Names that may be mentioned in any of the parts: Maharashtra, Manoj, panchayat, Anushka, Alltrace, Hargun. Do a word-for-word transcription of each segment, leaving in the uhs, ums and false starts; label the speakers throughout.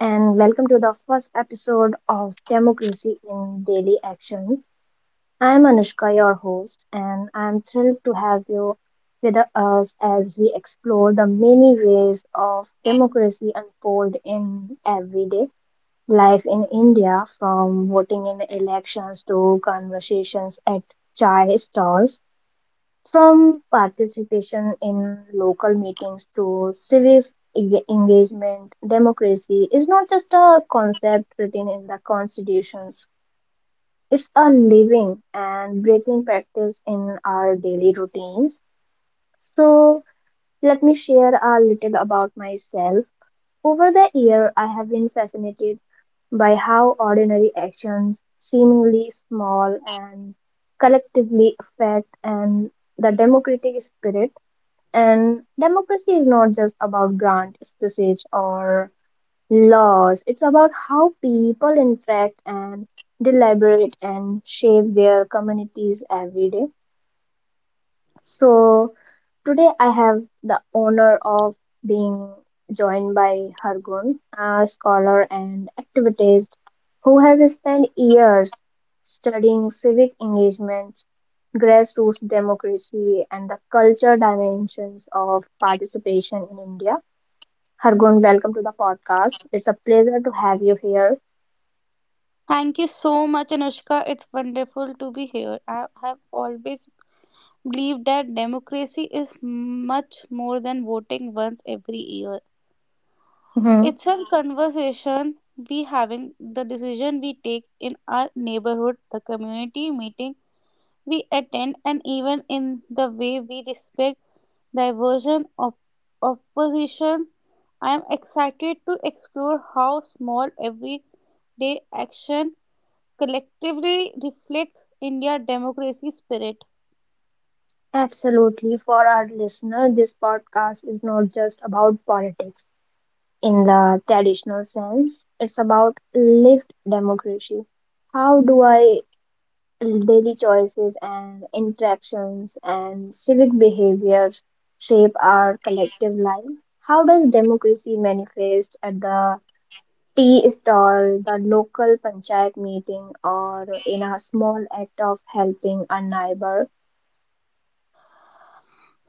Speaker 1: and welcome to the first episode of Democracy in Daily Actions. I'm Anushka, your host, and I'm thrilled to have you with us as we explore the many ways of democracy unfold in everyday life in India, from voting in elections to conversations at chai stalls. From participation in local meetings to civic e- engagement, democracy is not just a concept written in the constitutions. It's a living and breathing practice in our daily routines. So, let me share a little about myself. Over the year, I have been fascinated by how ordinary actions, seemingly small and collectively affect and the democratic spirit, and democracy is not just about grand speeches or laws, it's about how people interact and deliberate and shape their communities every day. So, Today I have the honor of being joined by Hargun, a scholar and activist who has spent years studying civic engagements, grassroots democracy, and the culture dimensions of participation in India. Hargun, welcome to the podcast. It's a pleasure to have you here.
Speaker 2: Thank you so much, Anushka. It's wonderful to be here. I have always believed that democracy is much more than voting once every year.
Speaker 1: Mhm.
Speaker 2: It's a conversation we having, the decision we take in our neighborhood, the community meeting we attend, and even in the way we respect diversion of opposition. I am excited to explore how small everyday action collectively reflects India's democracy spirit.
Speaker 1: Absolutely. For our listener, this podcast is not just about politics in the traditional sense. It's about lived democracy. How do I daily choices and interactions and civic behaviors shape our collective life? How does democracy manifest at the tea stall, the local panchayat meeting, or in a small act of helping a neighbor?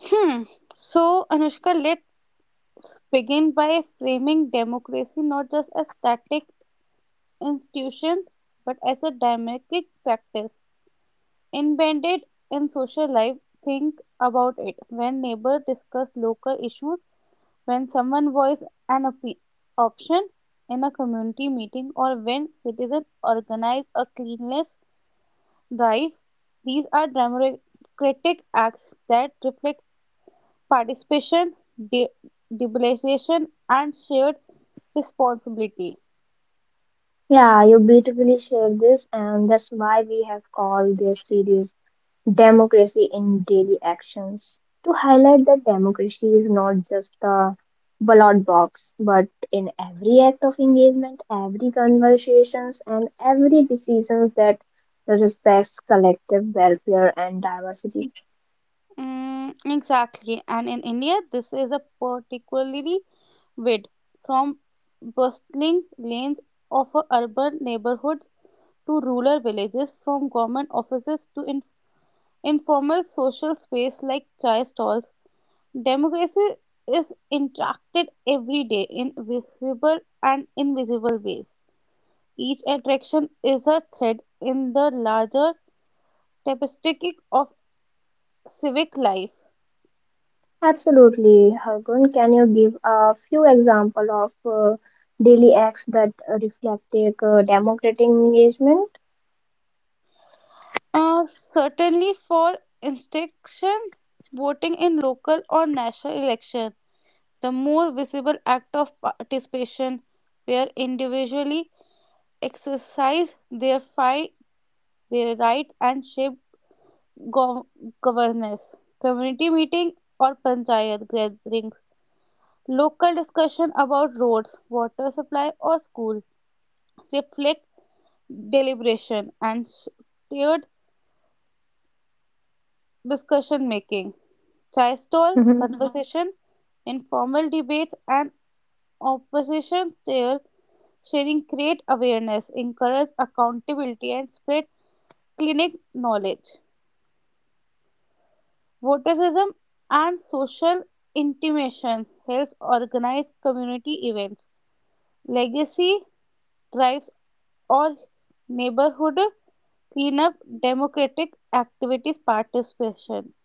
Speaker 2: Hmm. So, Anushka, let's begin by framing democracy not just as static institutions but as a dynamic practice. Embedded in social life, think about it. When neighbors discuss local issues, when someone voices an opi- option in a community meeting, or when citizens organize a cleanliness drive. These are democratic acts that reflect participation, de- deliberation, and shared responsibility.
Speaker 1: Yeah, you beautifully shared this, and that's why we have called this series democracy in daily actions, to highlight that democracy is not just the ballot box but in every act of engagement, every conversations and every decisions that respects collective welfare and diversity.
Speaker 2: Mm, exactly. And in India, this is a particularly vid from bustling lanes of a urban neighborhoods to rural villages, from government offices to in- informal social space like chai stalls. Democracy is interacted every day in visible and invisible ways. Each attraction is a thread in the larger tapestry of civic life.
Speaker 1: Absolutely, Hargun, can you give a few example of uh, daily acts that uh, reflect uh, democratic engagement?
Speaker 2: Uh, certainly, for instruction, voting in local or national election, the more visible act of participation, where individually exercise their fight, their rights, and shape go- governance, community meeting or panchayat gatherings, local discussion about roads, water supply or school, reflect deliberation and s- steered discussion making, chai stall conversation, informal debates and opposition steer sharing create awareness, encourage accountability and spread clinic knowledge. Voterism and social intimation helps organize community events. Legacy drives or neighborhood cleanup, democratic activities, participation.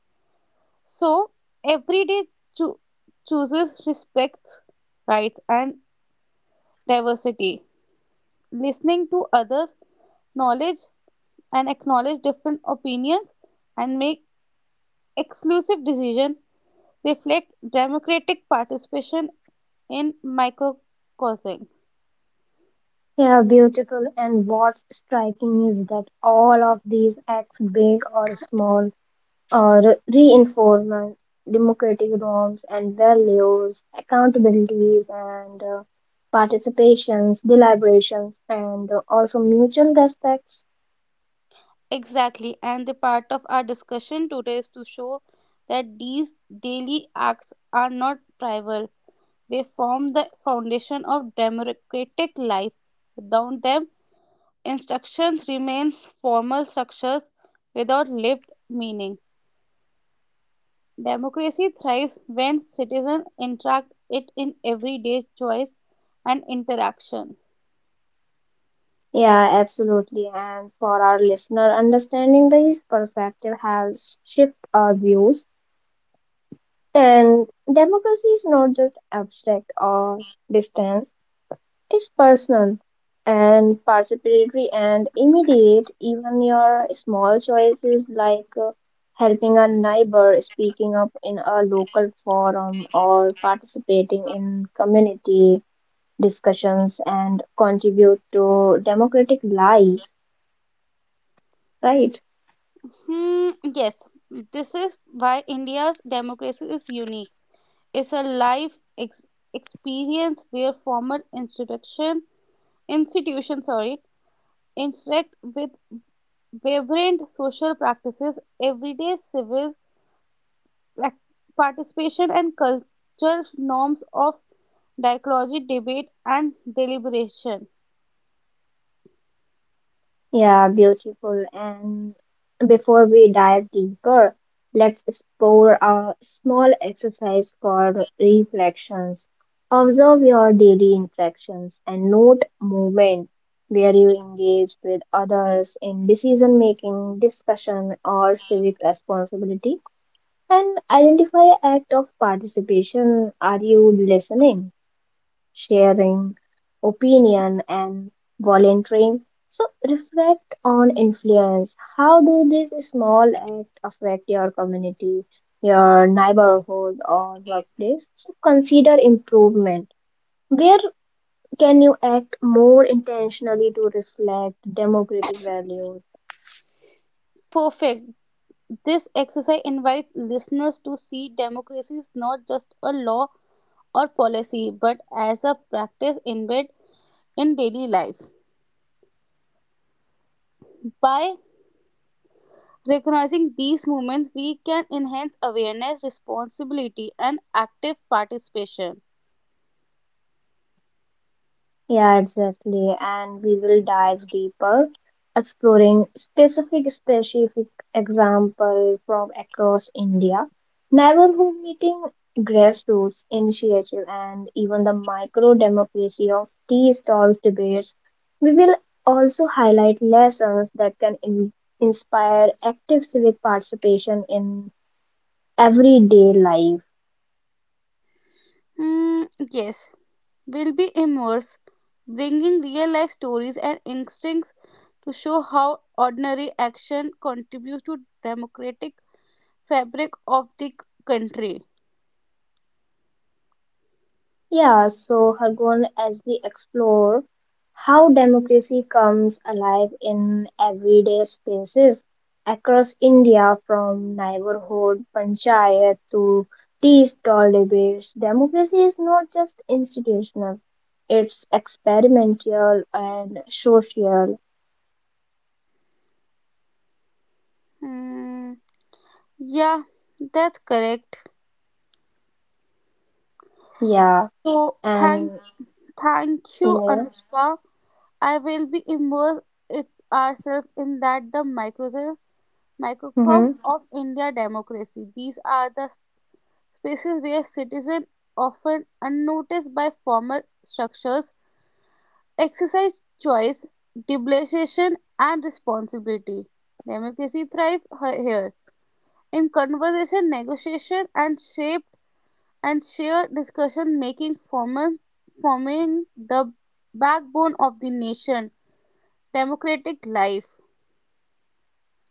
Speaker 2: So, every day cho- chooses respects, rights, and diversity. Listening to others, knowledge, and acknowledge different opinions and make exclusive decision reflect democratic participation in microcosm.
Speaker 1: Yeah, beautiful. And what's striking is that all of these acts, big or small, are reinforcement democratic norms and values, accountabilities and uh, participations, deliberations, and uh, also mutual respects.
Speaker 2: Exactly, and the part of our discussion today is to show that these daily acts are not trivial. They form the foundation of democratic life. Without them, instructions remain formal structures without lived meaning. Democracy thrives when citizens interact it in everyday choice and interaction.
Speaker 1: Yeah, absolutely. And for our listener, understanding this perspective has shifted our views. And democracy is not just abstract or distant. It's personal and participatory and immediate. Even your small choices, like uh, helping a neighbor, speaking up in a local forum, or participating in community discussions, and contribute to democratic life, right?
Speaker 2: Hmm, yes, this is why India's democracy is unique is a life ex- experience where formal institution institution sorry interact with vibrant social practices everyday civil prac- participation and cultural norms of dialogy debate and deliberation.
Speaker 1: Yeah, beautiful. And before we dive deeper, let's explore a small exercise called reflections. Observe your daily interactions and note moment where you engage with others in decision making, discussion, or civic responsibility, and identify act of participation. Are you listening? Sharing opinion and volunteering. So reflect on influence. How do these small acts affect your community, your neighborhood or workplace? So consider improvement. Where can you act more intentionally to reflect democratic values?
Speaker 2: Perfect, this exercise invites listeners to see democracy is not just a law or policy but as a practice embedded in daily life by recognizing these movements, we can enhance awareness, responsibility, and active participation.
Speaker 1: Yeah, exactly. And we will dive deeper, exploring specific specific example from across India, neighborhood meeting, grassroots initiative, and even the micro democracy of tea stalls debates. We will also highlight lessons that can in- inspire active civic participation in everyday life.
Speaker 2: Hmm, yes, will be immersed, bringing real life stories and instincts to show how ordinary action contributes to democratic fabric of the c- country.
Speaker 1: Yeah, so Hargun, as we explore how democracy comes alive in everyday spaces across India, from neighborhood panchayat to tea stall debates, democracy is not just institutional; it's experimental and social.
Speaker 2: Hmm, yeah, that's correct.
Speaker 1: Yeah,
Speaker 2: So thank,
Speaker 1: and
Speaker 2: thank you,
Speaker 1: yeah.
Speaker 2: Anushka. I will be immersed it ourselves in that the microsoft microcosm
Speaker 1: Hmm.
Speaker 2: of India democracy. These are the spaces where citizens, often unnoticed by formal structures, exercise choice, deliberation, and responsibility. Democracy thrives he- here in conversation, negotiation, and shaped and shared discussion, making formal forming the backbone of the nation democratic life.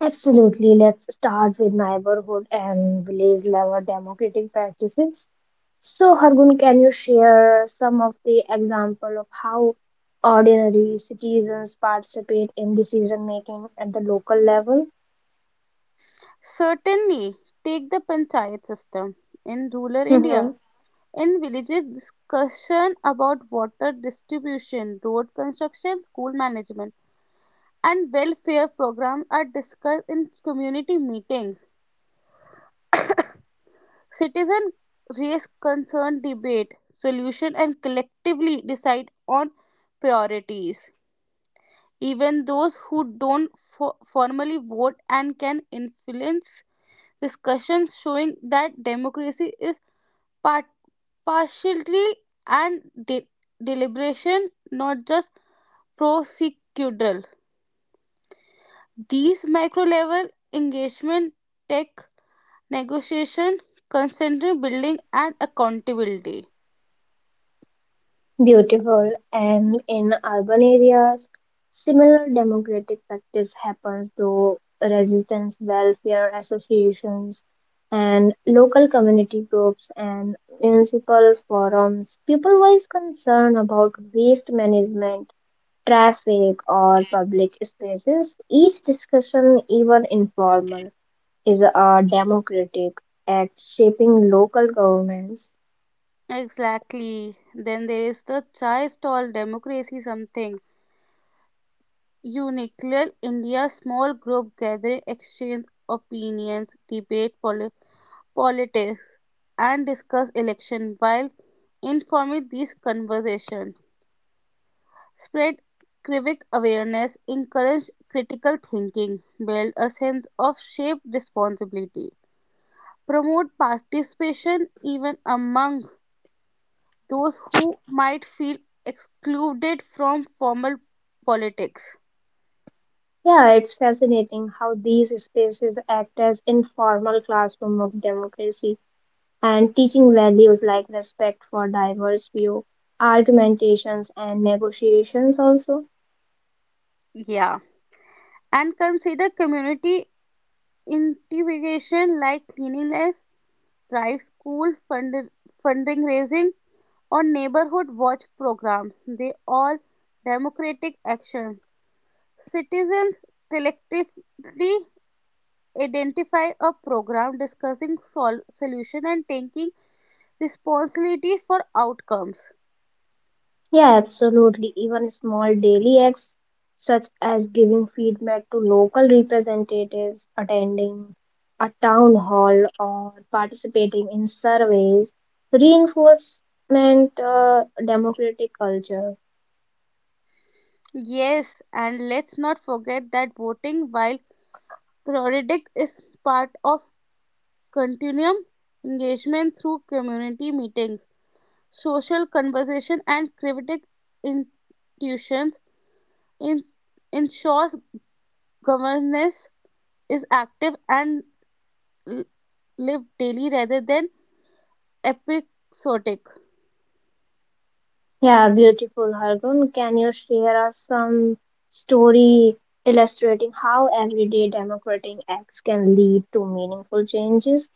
Speaker 1: Absolutely. Let's start with neighborhood and village level democratic practices. So, Hargun, can you share some of the example of how ordinary citizens participate in decision making at the local level?
Speaker 2: Certainly, take the panchayat system in rural India.
Speaker 1: Hmm.
Speaker 2: In villages, discussion about water distribution, road construction, school management, and welfare programs are discussed in community meetings. Citizens raise concern, debate solution, and collectively decide on priorities. Even those who don't fo- formally vote and can influence discussions, showing that democracy is part- partiality and de- deliberation, not just prosecutorial. These micro level engagement take negotiation, concentrate building, and accountability.
Speaker 1: Beautiful. And in urban areas, similar democratic practice happens through resistance welfare associations and local community groups and municipal forums. People voice concern about waste management, traffic, or public spaces. Each discussion, even informal, is a democratic at shaping local governments.
Speaker 2: Exactly. Then there is the chai stall democracy something. Unique India small group gathering, exchange opinions, debate poli- politics, and discuss election while informing these conversations. Spread civic awareness, encourage critical thinking, build a sense of shared responsibility, promote participation even among those who might feel excluded from formal politics.
Speaker 1: Yeah, it's fascinating how these spaces act as informal classroom of democracy and teaching values like respect for diverse view, argumentations and negotiations also.
Speaker 2: Yeah. And consider community integration like cleanliness, drive school fund- funding raising, or neighborhood watch programs. They all democratic action. Citizens collectively identify a program discussing sol- solution and taking responsibility for outcomes.
Speaker 1: Yeah, absolutely. Even small daily acts such as giving feedback to local representatives, attending a town hall, or participating in surveys reinforcement uh, democratic culture.
Speaker 2: Yes, and let's not forget that voting while periodic is part of continuum engagement through community meetings, social conversation and critic institutions. in- ensures governance is active and l- live daily rather than episodic.
Speaker 1: Yeah, beautiful, Hargun. Can you share us some story illustrating how everyday democratic acts can lead to meaningful changes?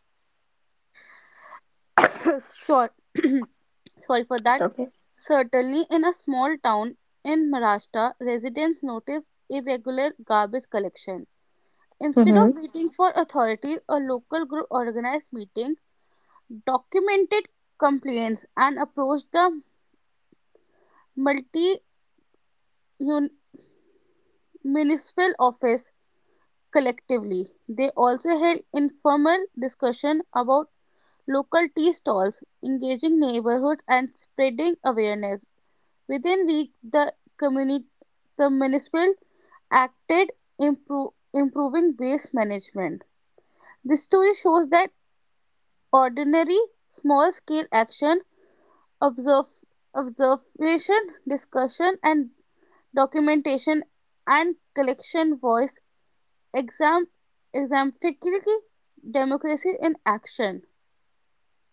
Speaker 2: Sure, sorry for
Speaker 1: It's
Speaker 2: that.
Speaker 1: okay.
Speaker 2: Certainly, in a small town in Maharashtra, residents noticed irregular garbage collection. Instead
Speaker 1: Mm-hmm.
Speaker 2: of waiting for authorities, a local group organized meeting, documented complaints, and approached the multi municipal office collectively. They also held informal discussion about local tea stalls, engaging neighborhoods and spreading awareness. Within week, the community, the municipal acted impro- improving waste management. This story shows that ordinary small-scale action, observe, observation, discussion, and documentation and collection voice Exam, exemplific democracy in action.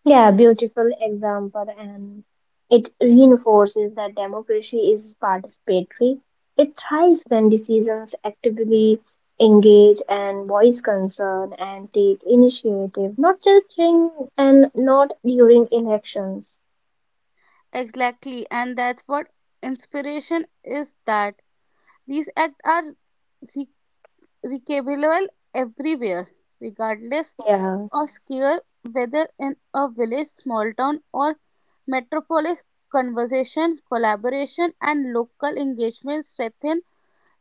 Speaker 1: Yeah,
Speaker 2: So,
Speaker 1: beautiful example, and it reinforces that democracy is participatory. It thrives when decisions actively engage and voice concern and take initiative, not just in and not during elections.
Speaker 2: exactly, and that's what inspiration is. That these acts are re- recapable everywhere, regardless
Speaker 1: Yeah,
Speaker 2: of scale, whether in a village, small town, or metropolis. Conversation, collaboration, and local engagement strengthen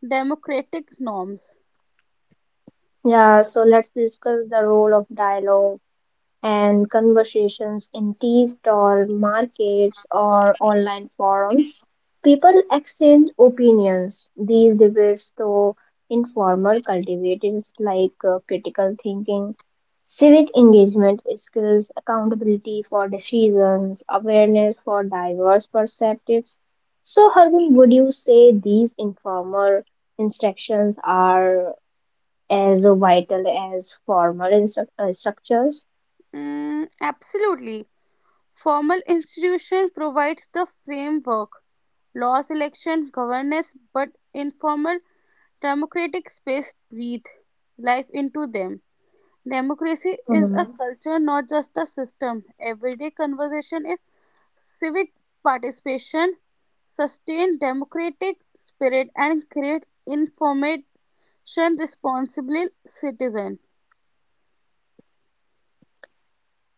Speaker 2: democratic norms.
Speaker 1: yeah. So let's discuss the role of dialogue and conversations in tea stall markets or online forums. People exchange opinions. These debates, though informal, cultivate is like uh, critical thinking, civic engagement skills, accountability for decisions, awareness for diverse perspectives. So, Harbin, would you say these informal instructions are as vital as formal instru- uh, structures?
Speaker 2: Mm, absolutely. Formal institution provides the framework, laws, election, governance, but informal democratic space breathe life into them. Democracy is a culture, not just a system. Everyday conversation is civic participation, sustain democratic spirit, and create informed responsible citizen.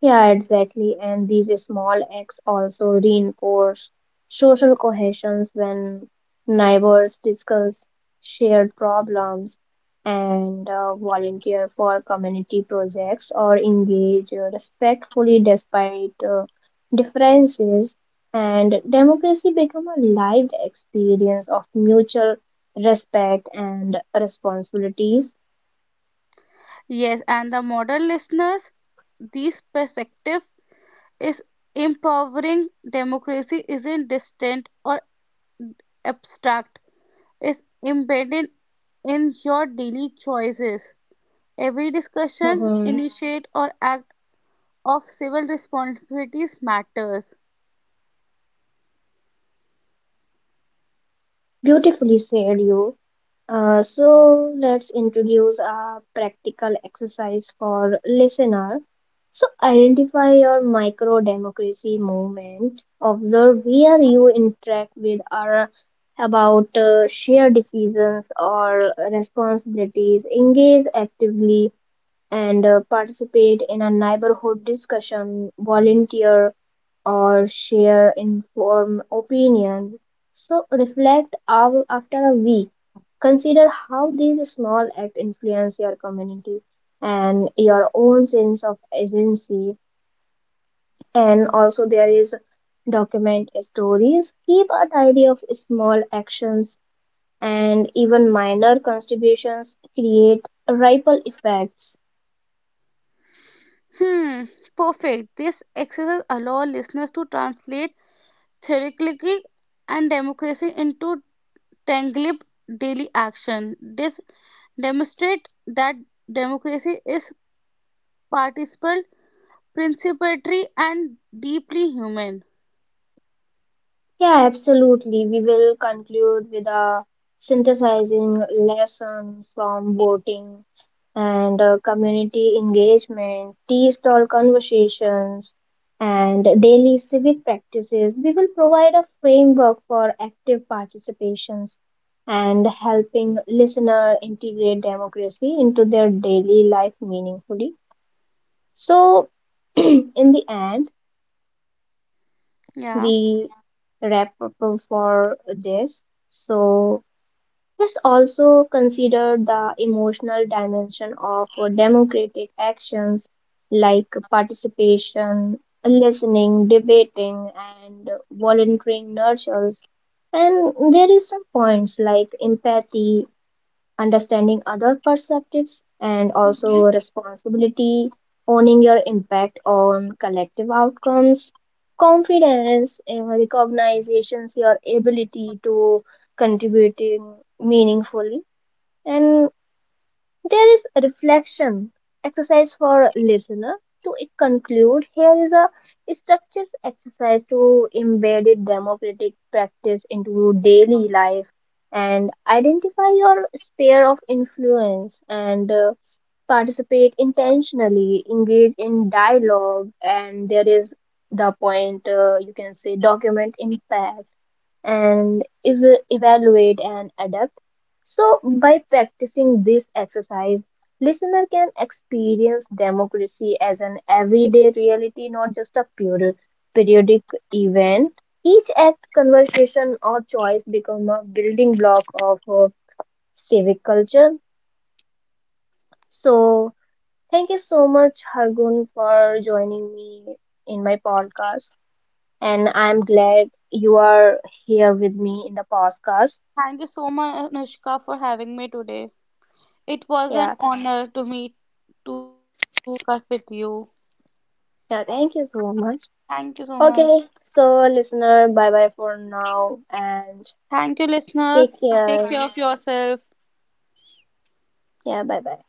Speaker 1: Yeah, exactly. And these small acts also reinforce social cohesions when neighbors discuss shared problems and uh, volunteer for community projects or engage uh, respectfully despite uh, differences. And democracy become a lived experience of mutual respect and responsibilities.
Speaker 2: Yes, and the modern listeners, these perspectives is empowering democracy isn't distant or abstract. It's embedded in your daily choices. Every discussion,
Speaker 1: Mhm.
Speaker 2: initiate, or act of civil responsibilities matters.
Speaker 1: Beautifully said, you. Uh, so let's introduce a practical exercise for listener. So identify your micro democracy movement. Observe where you interact with or about uh, shared decisions or responsibilities. Engage actively and uh, participate in a neighborhood discussion. Volunteer or share informed opinions. So reflect av- after a week. Consider how these small acts influence your community and your own sense of agency. And also there is document stories. Keep a diary of small actions, and even minor contributions create ripple effects.
Speaker 2: Hmm, perfect. This exercise allows listeners to translate theoretically and democracy into tangible daily action. This demonstrates that democracy is participable principatory and deeply human.
Speaker 1: Yeah, absolutely. We will conclude with a synthesizing lesson from voting and uh, community engagement, tea stall conversations, and daily civic practices. We will provide a framework for active participations and helping listener integrate democracy into their daily life meaningfully. So, in the end,
Speaker 2: Yeah.
Speaker 1: we wrap up for this. So let's also consider the emotional dimension of democratic actions like participation, listening, debating, and volunteering nurtures. And there is some points like empathy understanding other perspectives, and also responsibility, owning your impact on collective outcomes, confidence, uh, recognitions your ability to contributing meaningfully, and there is a reflection exercise for listener. To conclude, here is a structures exercise to embed democratic practice into daily life and identify your sphere of influence and uh, participate intentionally, engage in dialogue, and there is the point uh, you can say document impact and ev- evaluate and adapt. So, by practicing this exercise, listener can experience democracy as an everyday reality, not just a pure periodic event. Each act, conversation, or choice become a building block of uh, civic culture. So, thank you so much, Hargun, for joining me in my podcast, and I'm glad you are here with me in the podcast.
Speaker 2: Thank you so much, Anushka, for having me today. It was an
Speaker 1: Yeah,
Speaker 2: honor to meet, to have a podcast with you.
Speaker 1: yeah, thank you so much.
Speaker 2: Thank you so much.
Speaker 1: Okay, so listener, bye bye for now and
Speaker 2: Thank you,
Speaker 1: take
Speaker 2: listeners. Take
Speaker 1: care.
Speaker 2: care of yourself.
Speaker 1: Yeah, bye bye.